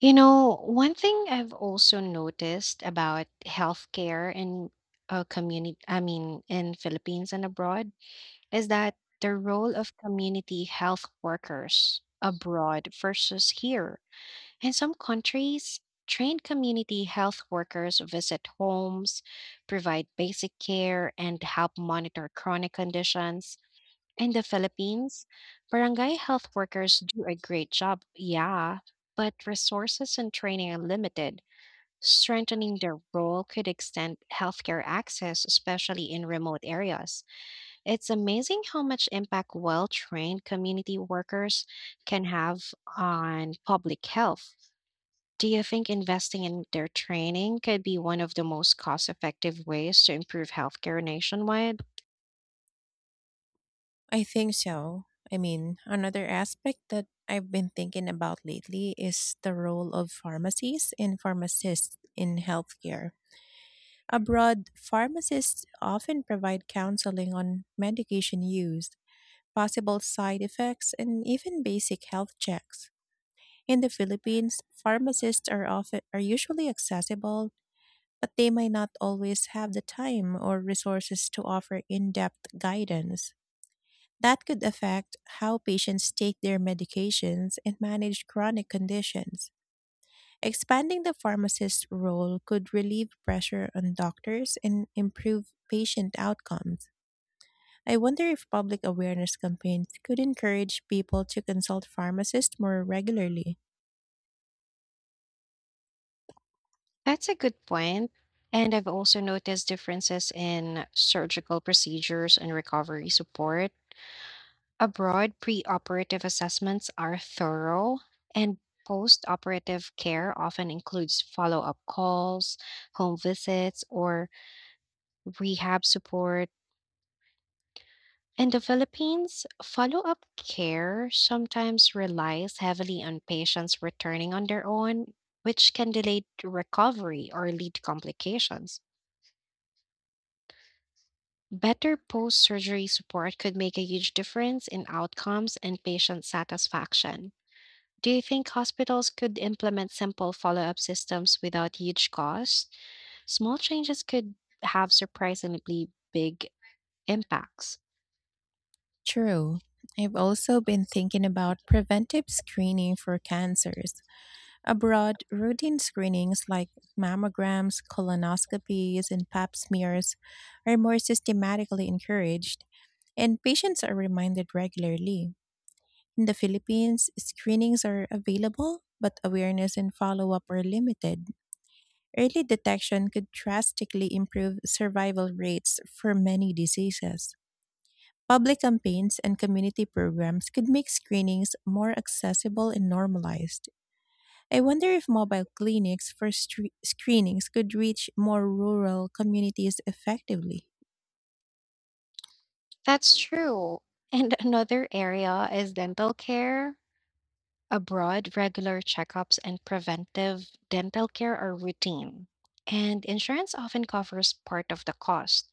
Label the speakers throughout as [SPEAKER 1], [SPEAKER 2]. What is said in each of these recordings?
[SPEAKER 1] You know, one thing I've also noticed about healthcare in a community, I mean, in Philippines and abroad, is that the role of community health workers abroad versus here. In some countries, trained community health workers visit homes, provide basic care, and help monitor chronic conditions. In the Philippines, barangay health workers do a great job, yeah, but resources and training are limited. Strengthening their role could extend healthcare access, especially in remote areas. It's amazing how much impact well trained community workers can have on public health. Do you think investing in their training could be one of the most cost effective ways to improve healthcare nationwide?
[SPEAKER 2] I think so. Another aspect that I've been thinking about lately is the role of pharmacies and pharmacists in healthcare. Abroad, pharmacists often provide counseling on medication use, possible side effects, and even basic health checks. In the Philippines, pharmacists are usually accessible, but they might not always have the time or resources to offer in-depth guidance. That could affect how patients take their medications and manage chronic conditions. Expanding the pharmacist's role could relieve pressure on doctors and improve patient outcomes. I wonder if public awareness campaigns could encourage people to consult pharmacists more regularly.
[SPEAKER 1] That's a good point. And I've also noticed differences in surgical procedures and recovery support. Abroad, preoperative assessments are thorough, and post-operative care often includes follow up calls, home visits, or rehab support. In the Philippines, follow up care sometimes relies heavily on patients returning on their own, which can delay recovery or lead to complications. Better post surgery support could make a huge difference in outcomes and patient satisfaction. Do you think hospitals could implement simple follow up systems without huge costs? Small changes could have surprisingly big impacts.
[SPEAKER 2] True. I've also been thinking about preventive screening for cancers. Abroad, routine screenings like mammograms, colonoscopies, and pap smears are more systematically encouraged, and patients are reminded regularly. In the Philippines, screenings are available, but awareness and follow up are limited. Early detection could drastically improve survival rates for many diseases. Public campaigns and community programs could make screenings more accessible and normalized. I wonder if mobile clinics for screenings could reach more rural communities effectively.
[SPEAKER 1] That's true. And another area is dental care. Abroad, regular checkups and preventive dental care are routine, and insurance often covers part of the cost.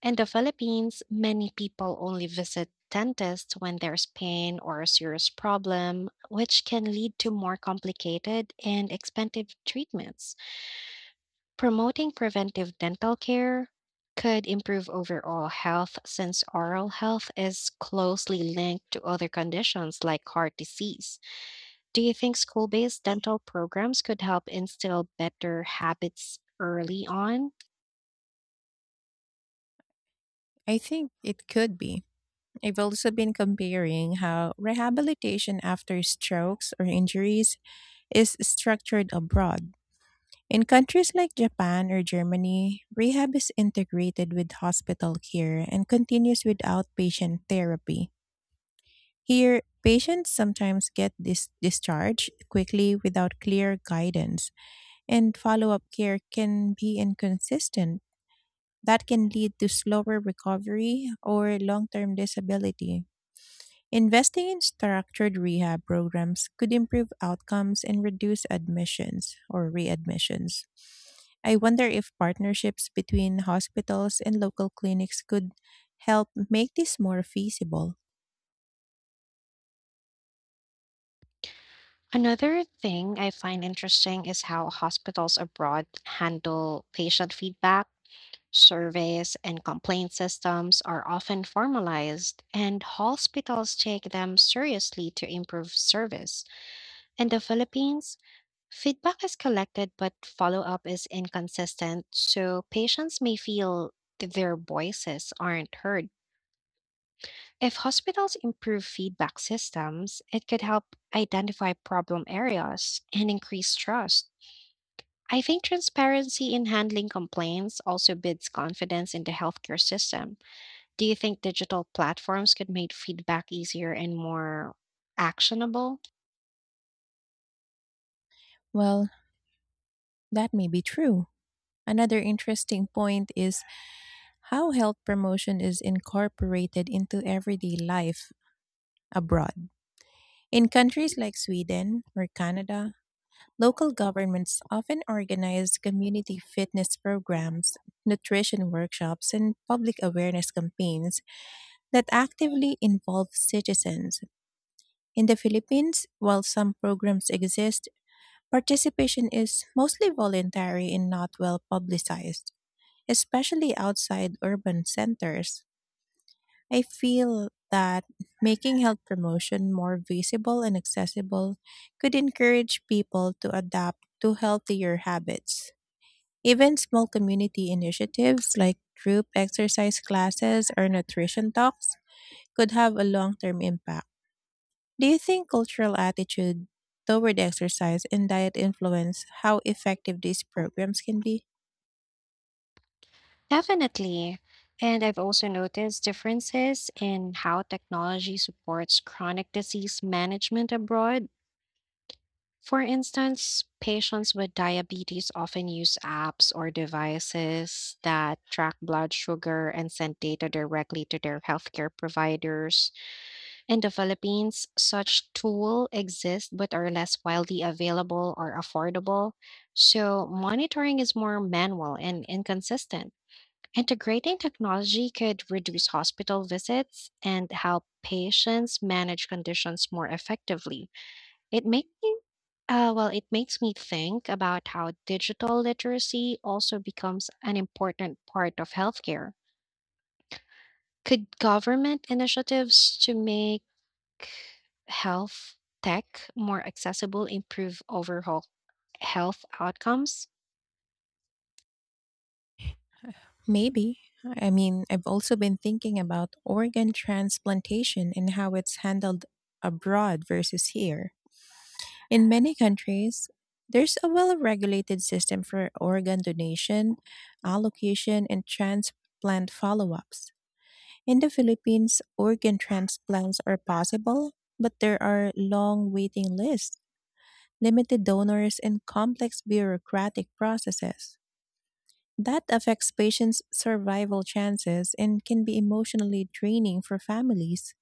[SPEAKER 1] In the Philippines, many people only visit dentists when there's pain or a serious problem, which can lead to more complicated and expensive treatments. Promoting preventive dental care could improve overall health since oral health is closely linked to other conditions like heart disease. Do you think school based dental programs could help instill better habits early on?
[SPEAKER 2] I think it could be. I've also been comparing how rehabilitation after strokes or injuries is structured abroad. In countries like Japan or Germany, rehab is integrated with hospital care and continues with outpatient therapy. Here, patients sometimes get discharged quickly without clear guidance, and follow up care can be inconsistent. That can lead to slower recovery or long term disability. Investing in structured rehab programs could improve outcomes and reduce admissions or readmissions. I wonder if partnerships between hospitals and local clinics could help make this more feasible.
[SPEAKER 1] Another thing I find interesting is how hospitals abroad handle patient feedback. Surveys and complaint systems are often formalized, and hospitals take them seriously to improve service. In the Philippines, feedback is collected but follow up is inconsistent, so patients may feel that their voices aren't heard. If hospitals improve feedback systems, it could help identify problem areas and increase trust. I think transparency in handling complaints also builds confidence in the healthcare system. Do you think digital platforms could make feedback easier and more actionable?
[SPEAKER 2] Well, that may be true. Another interesting point is how health promotion is incorporated into everyday life abroad. In countries like Sweden or Canada, local governments often organize community fitness programs, nutrition workshops, and public awareness campaigns that actively involve citizens. In the Philippines, while some programs exist, participation is mostly voluntary and not well publicized, especially outside urban centers. I feel that making health promotion more visible and accessible could encourage people to adapt to healthier habits. Even small community initiatives like group exercise classes or nutrition talks could have a long term impact. Do you think cultural attitude toward exercise and diet influence how effective these programs can be?
[SPEAKER 1] Definitely. And I've also noticed differences in how technology supports chronic disease management abroad. For instance, patients with diabetes often use apps or devices that track blood sugar and send data directly to their healthcare providers. In the Philippines, such tools exist but are less widely available or affordable, so monitoring is more manual and inconsistent. Integrating technology could reduce hospital visits and help patients manage conditions more effectively. It makes me it makes me think about how digital literacy also becomes an important part of healthcare. Could government initiatives to make health tech more accessible improve overall health outcomes?
[SPEAKER 2] Maybe. I've also been thinking about organ transplantation and how it's handled abroad versus here. In many countries, there's a well regulated system for organ donation, allocation, and transplant follow ups. In the Philippines, organ transplants are possible, but there are long waiting lists, limited donors, and complex bureaucratic processes. That affects patients' survival chances and can be emotionally draining for families.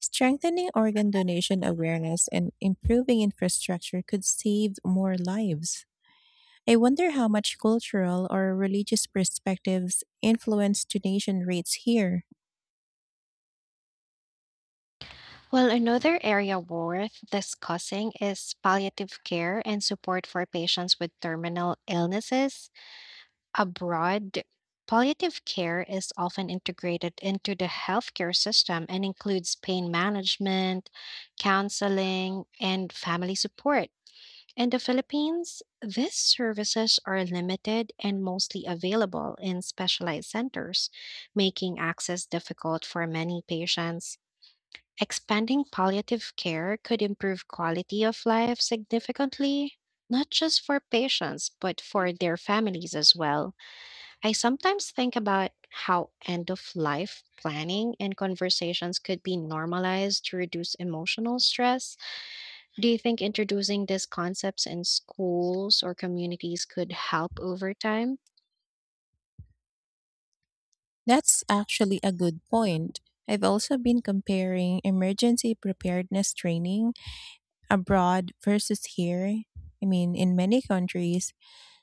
[SPEAKER 2] Strengthening organ donation awareness and improving infrastructure could save more lives. I wonder how much cultural or religious perspectives influence donation rates here.
[SPEAKER 1] Well, another area worth discussing is palliative care and support for patients with terminal illnesses. Abroad, palliative care is often integrated into the healthcare system and includes pain management, counseling, and family support. In the Philippines, these services are limited and mostly available in specialized centers, making access difficult for many patients. Expanding palliative care could improve quality of life significantly, not just for patients, but for their families as well. I sometimes think about how end of life planning and conversations could be normalized to reduce emotional stress. Do you think introducing these concepts in schools or communities could help over time?
[SPEAKER 2] That's actually a good point. I've also been comparing emergency preparedness training abroad versus here. I mean, in many countries,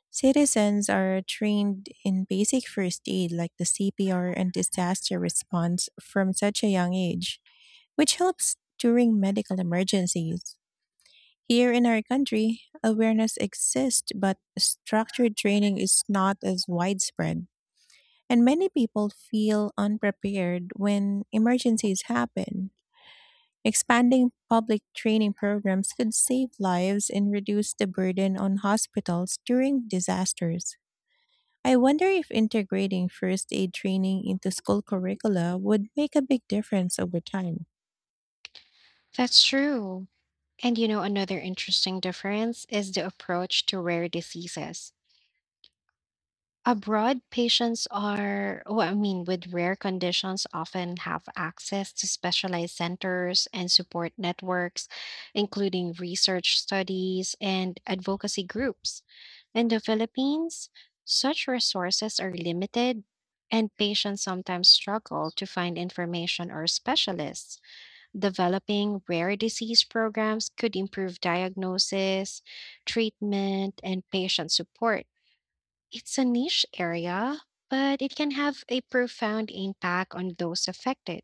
[SPEAKER 2] citizens are trained in basic first aid like the CPR and disaster response from such a young age, which helps during medical emergencies. Here in our country, awareness exists, but structured training is not as widespread, and many people feel unprepared when emergencies happen. Expanding public training programs could save lives and reduce the burden on hospitals during disasters. I wonder if integrating first aid training into school curricula would make a big difference over time.
[SPEAKER 1] That's true. And you know, another interesting difference is the approach to rare diseases. Abroad, patients are, well, I mean, with rare conditions often have access to specialized centers and support networks, including research studies and advocacy groups. In the Philippines, such resources are limited, and patients sometimes struggle to find information or specialists. Developing rare disease programs could improve diagnosis, treatment, and patient support. It's a niche area, but it can have a profound impact on those affected.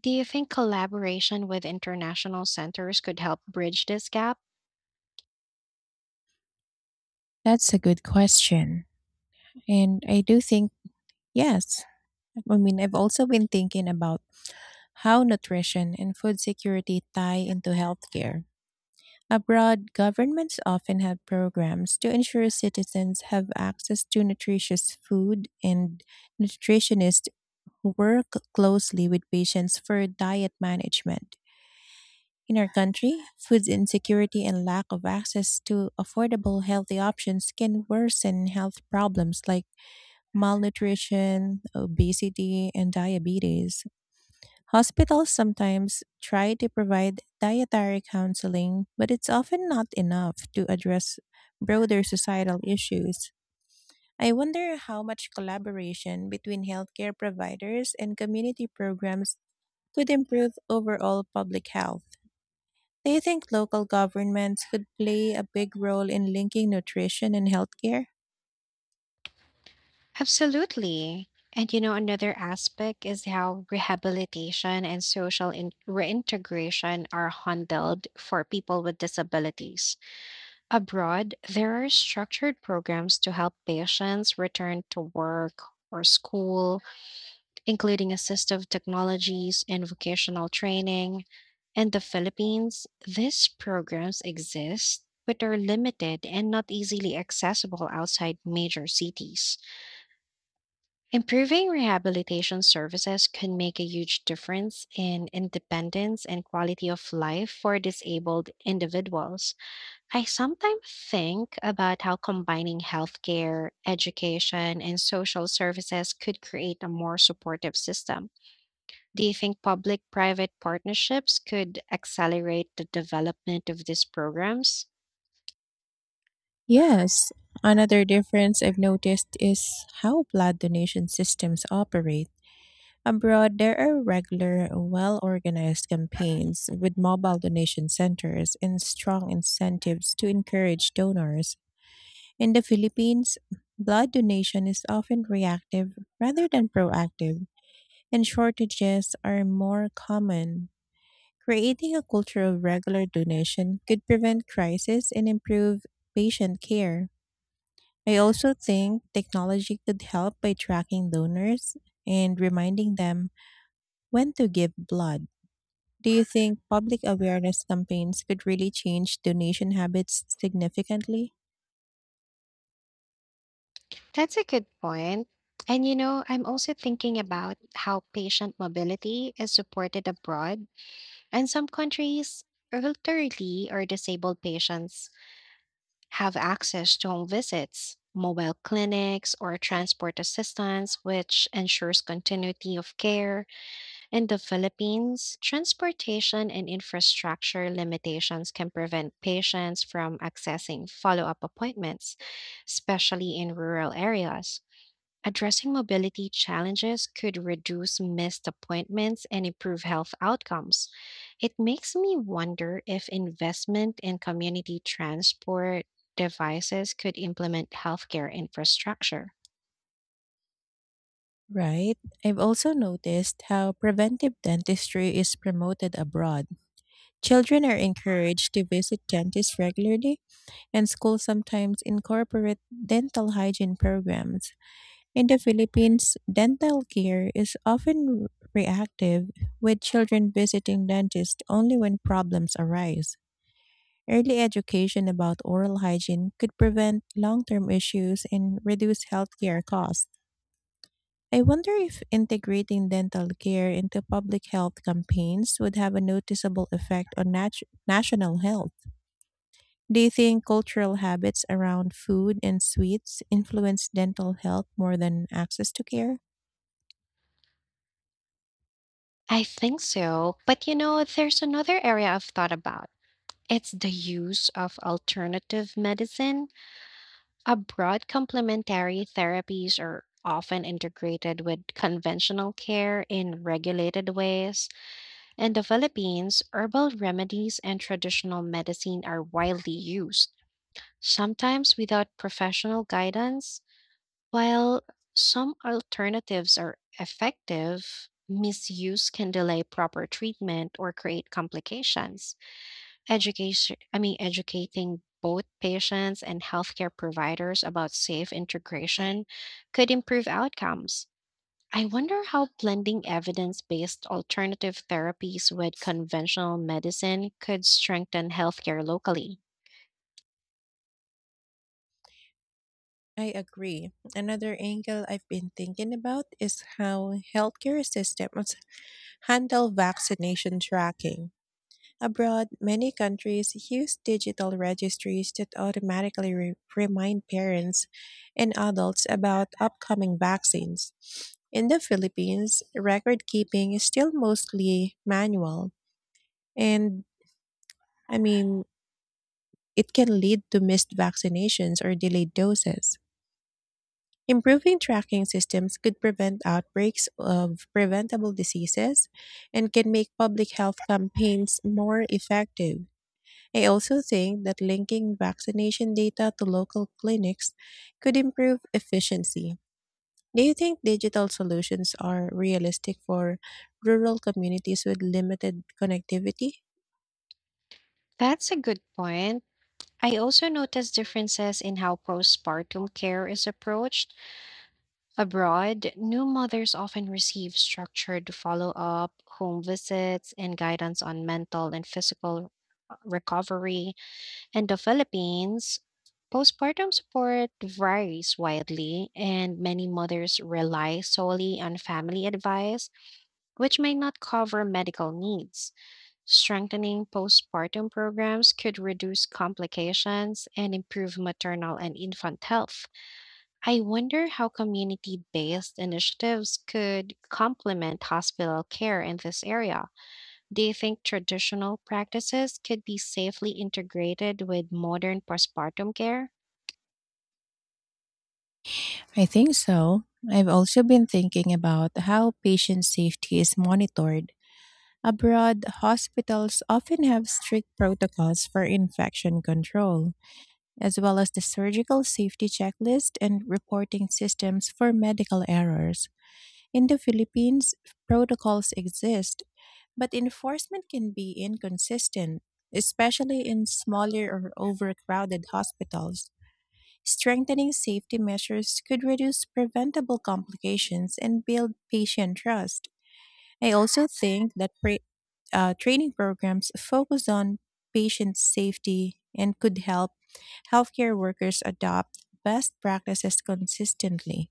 [SPEAKER 1] Do you think collaboration with international centers could help bridge this gap?
[SPEAKER 2] That's a good question. And I do think, yes. I've also been thinking about how nutrition and food security tie into healthcare. Abroad, governments often have programs to ensure citizens have access to nutritious food, and nutritionists work closely with patients for diet management. In our country, food insecurity and lack of access to affordable healthy options can worsen health problems like malnutrition, obesity, and diabetes. Hospitals sometimes try to provide dietary counseling, but it's often not enough to address broader societal issues. I wonder how much collaboration between healthcare providers and community programs could improve overall public health. Do you think local governments could play a big role in linking nutrition and healthcare?
[SPEAKER 1] Absolutely. And you know, another aspect is how rehabilitation and social reintegration are handled for people with disabilities. Abroad, there are structured programs to help patients return to work or school including assistive technologies and vocational training. In the Philippines, these programs exist but are limited and not easily accessible outside major cities. Improving rehabilitation services can make a huge difference in independence and quality of life for disabled individuals. I sometimes think about how combining healthcare, education, and social services could create a more supportive system. Do you think public private partnerships could accelerate the development of these programs?
[SPEAKER 2] Yes. Another difference I've noticed is how blood donation systems operate. Abroad, there are regular, well organized campaigns with mobile donation centers and strong incentives to encourage donors. In the Philippines, blood donation is often reactive rather than proactive, and shortages are more common. Creating a culture of regular donation could prevent crisis and improve patient care. I also think technology could help by tracking donors and reminding them when to give blood. Do you think public awareness campaigns could really change donation habits significantly?
[SPEAKER 1] That's a good point. And you know, I'm also thinking about how patient mobility is supported abroad. In some countries, elderly or disabled patients have access to home visits, mobile clinics, or transport assistance, which ensures continuity of care. In the Philippines, transportation and infrastructure limitations can prevent patients from accessing follow up appointments, especially in rural areas. Addressing mobility challenges could reduce missed appointments and improve health outcomes. It makes me wonder if investment in community transport devices could implement healthcare infrastructure.
[SPEAKER 2] Right. I've also noticed how preventive dentistry is promoted abroad. Children are encouraged to visit dentists regularly and schools sometimes incorporate dental hygiene programs. In the Philippines, dental care is often reactive, with children visiting dentists only when problems arise. Early education about oral hygiene could prevent long term issues and reduce healthcare costs. I wonder if integrating dental care into public health campaigns would have a noticeable effect on national health. Do you think cultural habits around food and sweets influence dental health more than access to care?
[SPEAKER 1] I think so, but you know, there's another area I've thought about. It's the use of alternative medicine. Abroad, complementary therapies are often integrated with conventional care in regulated ways. In the Philippines, herbal remedies and traditional medicine are widely used, sometimes without professional guidance. While some alternatives are effective, misuse can delay proper treatment or create complications. Educating both patients and healthcare providers about safe integration could improve outcomes. I wonder how blending evidence based alternative therapies with conventional medicine could strengthen healthcare locally.
[SPEAKER 2] I agree. Another angle I've been thinking about is how healthcare systems handle vaccination tracking. Abroad, many countries use digital registries that automatically remind parents and adults about upcoming vaccines. In the Philippines, record keeping is still mostly manual, and I mean, it can lead to missed vaccinations or delayed doses. Improving tracking systems could prevent outbreaks of preventable diseases and can make public health campaigns more effective. I also think that linking vaccination data to local clinics could improve efficiency. Do you think digital solutions are realistic for rural communities with limited connectivity?
[SPEAKER 1] That's a good point. I also noticed differences in how postpartum care is approached. Abroad, new mothers often receive structured follow up, home visits, and guidance on mental and physical recovery. In the Philippines, postpartum support varies widely, and many mothers rely solely on family advice, which may not cover medical needs. Strengthening postpartum programs could reduce complications and improve maternal and infant health. I wonder how community based initiatives could complement hospital care in this area. Do you think traditional practices could be safely integrated with modern postpartum care?
[SPEAKER 2] I think so. I've also been thinking about how patient safety is monitored. Abroad, hospitals often have strict protocols for infection control, as well as the surgical safety checklist and reporting systems for medical errors. In the Philippines, protocols exist, but enforcement can be inconsistent, especially in smaller or overcrowded hospitals. Strengthening safety measures could reduce preventable complications and build patient trust. I also think that training programs focused on patient safety and could help healthcare workers adopt best practices consistently.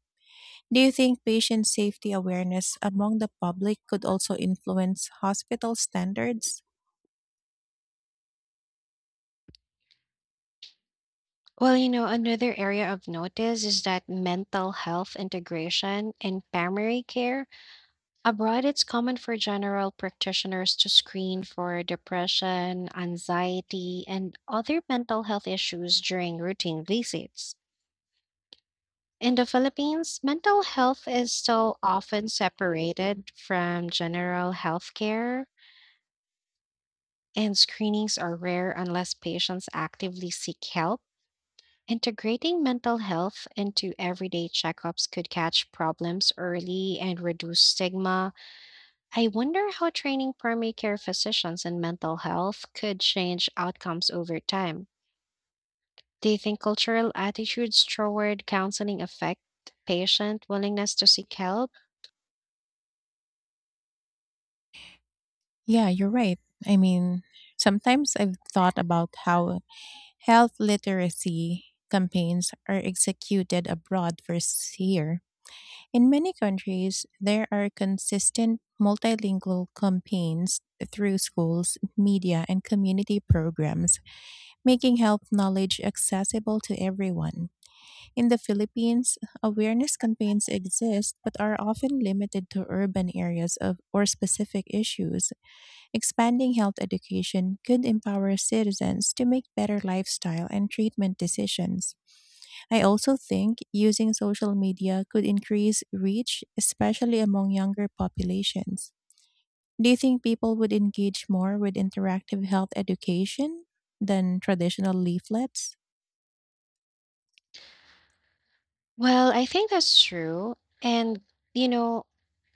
[SPEAKER 2] Do you think patient safety awareness among the public could also influence hospital standards?
[SPEAKER 1] Well, you know, another area of notice is that mental health integration in primary care. Abroad, it's common for general practitioners to screen for depression, anxiety, and other mental health issues during routine visits. In the Philippines, mental health is still often separated from general health care, and screenings are rare unless patients actively seek help. Integrating mental health into everyday checkups could catch problems early and reduce stigma. I wonder how training primary care physicians in mental health could change outcomes over time. Do you think cultural attitudes toward counseling affect patient willingness to seek help?
[SPEAKER 2] Yeah, you're right. I mean, Sometimes I've thought about how health literacy campaigns are executed abroad for here. In many countries, there are consistent multilingual campaigns through schools, media, and community programs, making health knowledge accessible to everyone. In the Philippines, awareness campaigns exist but are often limited to urban areas of or specific issues. Expanding health education could empower citizens to make better lifestyle and treatment decisions. I also think using social media could increase reach, especially among younger populations. Do you think people would engage more with interactive health education than traditional leaflets?
[SPEAKER 1] Well, I think that's true. And, you know,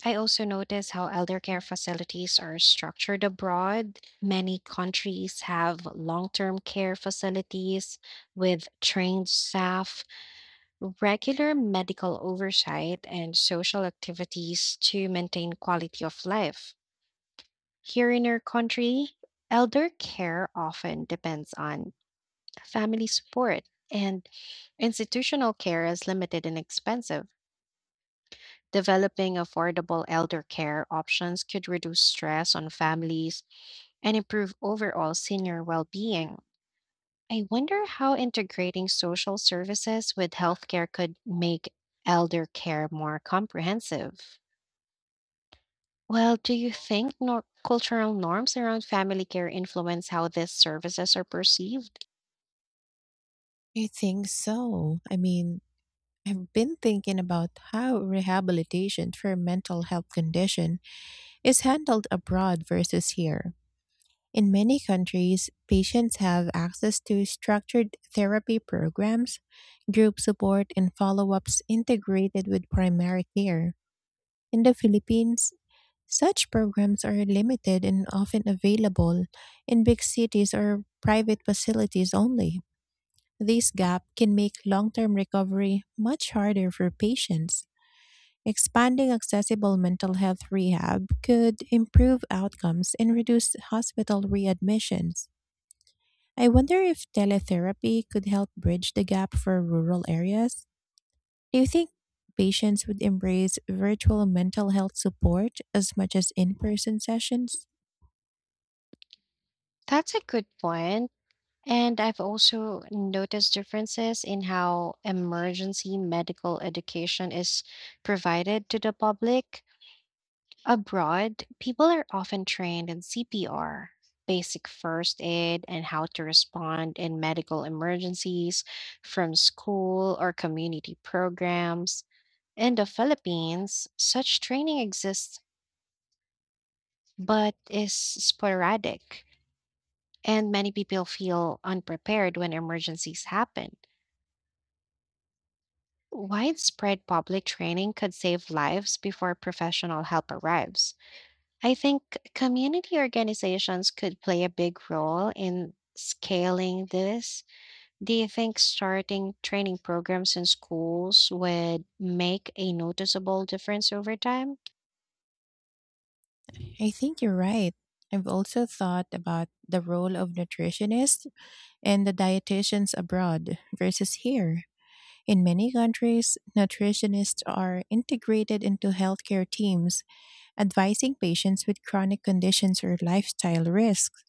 [SPEAKER 1] I also notice how elder care facilities are structured abroad. Many countries have long term care facilities with trained staff, regular medical oversight and social activities to maintain quality of life. Here in our country, elder care often depends on family support, and institutional care is limited and expensive. Developing affordable elder care options could reduce stress on families and improve overall senior well being. I wonder how integrating social services with healthcare could make elder care more comprehensive. Well, do you think cultural norms around family care influence how these services are perceived?
[SPEAKER 2] I think so. I've been thinking about how rehabilitation for mental health condition is handled abroad versus here. In many countries, patients have access to structured therapy programs, group support, and follow ups integrated with primary care. In the Philippines, such programs are limited and often available in big cities or private facilities only. This gap can make long term recovery much harder for patients. Expanding accessible mental health rehab could improve outcomes and reduce hospital readmissions. I wonder if teletherapy could help bridge the gap for rural areas. Do you think patients would embrace virtual mental health support as much as in person sessions?
[SPEAKER 1] That's a good point. And I've also noticed differences in how emergency medical education is provided to the public. Abroad, people are often trained in CPR, basic first aid, and how to respond in medical emergencies from school or community programs. In the Philippines, such training exists but is sporadic, and many people feel unprepared when emergencies happen. Widespread public training could save lives before professional help arrives. I think community organizations could play a big role in scaling this. Do you think starting training programs in schools would make a noticeable difference over time?
[SPEAKER 2] I think you're right. I've also thought about the role of nutritionists and the dietitians abroad versus here. In many countries, nutritionists are integrated into healthcare teams, advising patients with chronic conditions or lifestyle risks.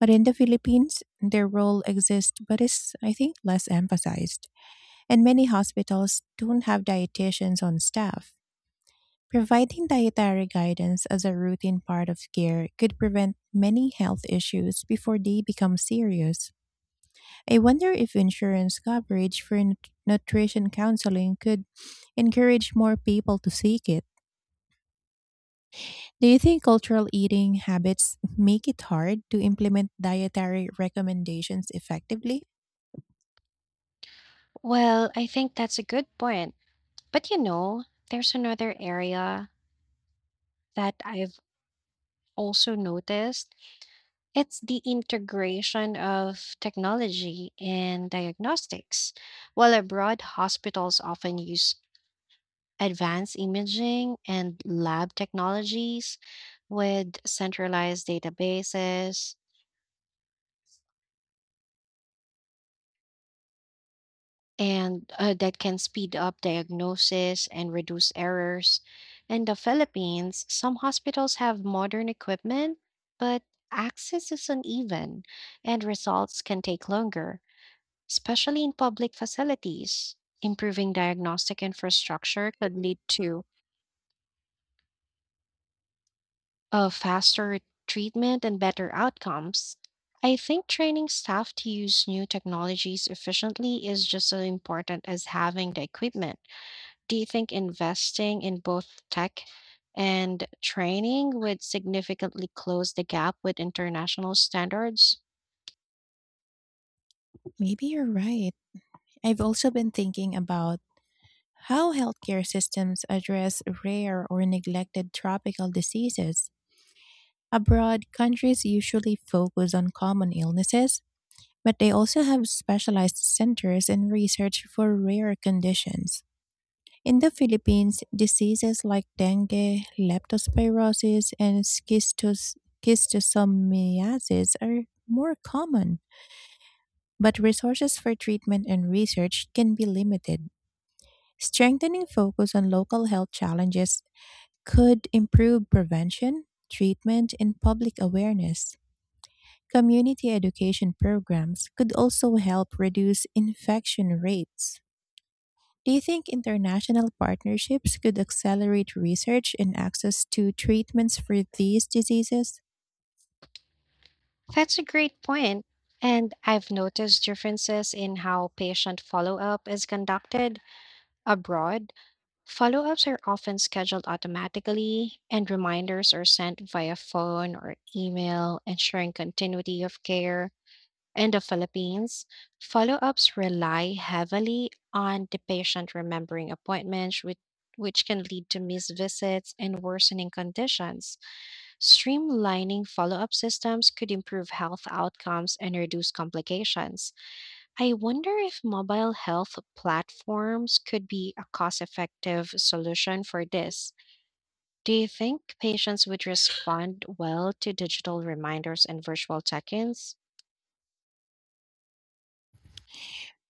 [SPEAKER 2] But in the Philippines, their role exists but is, I think, less emphasized. And many hospitals don't have dietitians on staff. Providing dietary guidance as a routine part of care could prevent many health issues before they become serious. I wonder if insurance coverage for nutrition counseling could encourage more people to seek it. Do you think cultural eating habits make it hard to implement dietary recommendations effectively?
[SPEAKER 1] Well, I think that's a good point. But you know, there's another area that I've also noticed. It's the integration of technology in diagnostics. While abroad, hospitals often use advanced imaging and lab technologies with centralized databases and that can speed up diagnosis and reduce errors. In the Philippines, some hospitals have modern equipment, but access is uneven and results can take longer, especially in public facilities. Improving diagnostic infrastructure could lead to faster treatment and better outcomes. I think training staff to use new technologies efficiently is just as important as having the equipment. Do you think investing in both tech and training would significantly close the gap with international standards?
[SPEAKER 2] Maybe you're right. I've also been thinking about how healthcare systems address rare or neglected tropical diseases. Abroad, countries usually focus on common illnesses but they also have specialized centers and research for rare conditions. In the Philippines, diseases like dengue, leptospirosis, and schistosomiasis are more common, but resources for treatment and research can be limited. Strengthening focus on local health challenges could improve prevention, treatment, and public awareness. Community education programs could also help reduce infection rates. Do you think international partnerships could accelerate research and access to treatments for these diseases?
[SPEAKER 1] That's a great point. And I've noticed differences in how patient follow up is conducted abroad. Follow ups are often scheduled automatically, and reminders are sent via phone or email, ensuring continuity of care. In the Philippines, follow ups rely heavily on the patient remembering appointments, which can lead to missed visits and worsening conditions. Streamlining follow up systems could improve health outcomes and reduce complications. I wonder if mobile health platforms could be a cost effective solution for this. Do you think patients would respond well to digital reminders and virtual check ins?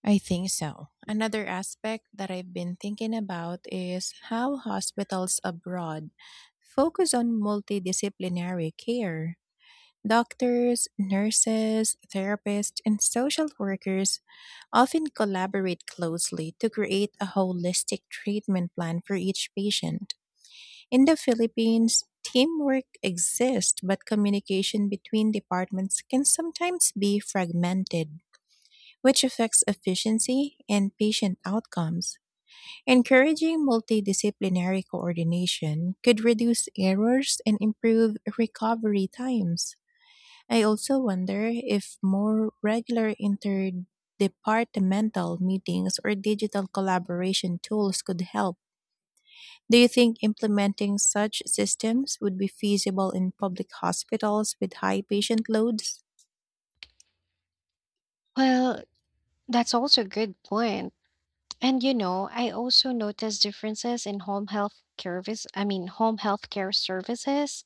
[SPEAKER 2] I think so. Another aspect that I've been thinking about is how hospitals abroad focus on multidisciplinary care. Doctors, nurses, therapists, and social workers often collaborate closely to create a holistic treatment plan for each patient. In the Philippines, teamwork exists, but communication between departments can sometimes be fragmented, which affects efficiency and patient outcomes. Encouraging multidisciplinary coordination could reduce errors and improve recovery times. I also wonder if more regular interdepartmental meetings or digital collaboration tools could help. Do you think implementing such systems would be feasible in public hospitals with high patient loads?
[SPEAKER 1] Well, that's also a good point. And you know, I also notice differences in home health care home health care services.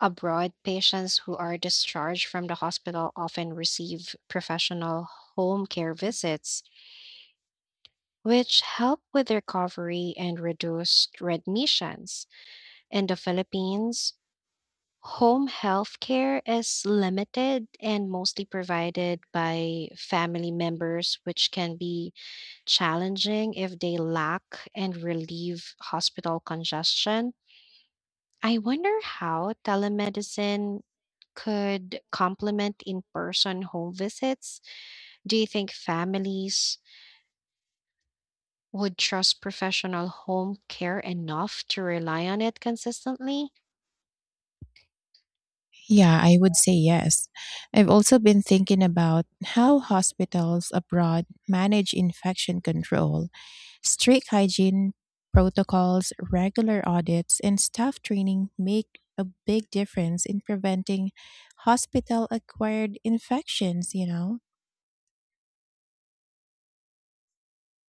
[SPEAKER 1] Abroad, patients who are discharged from the hospital often receive professional home care visits which help with recovery and reduced readmissions. In the Philippines, home health care is limited and mostly provided by family members, which can be challenging if they lack and relieve hospital congestion. I wonder how telemedicine could complement in person home visits. Do you think families would trust professional home care enough to rely on it consistently?
[SPEAKER 2] Yeah, I would say yes. I've also been thinking about how hospitals abroad manage infection control. Strict hygiene protocols, regular audits, and staff training make a big difference in preventing hospital acquired infections, you know?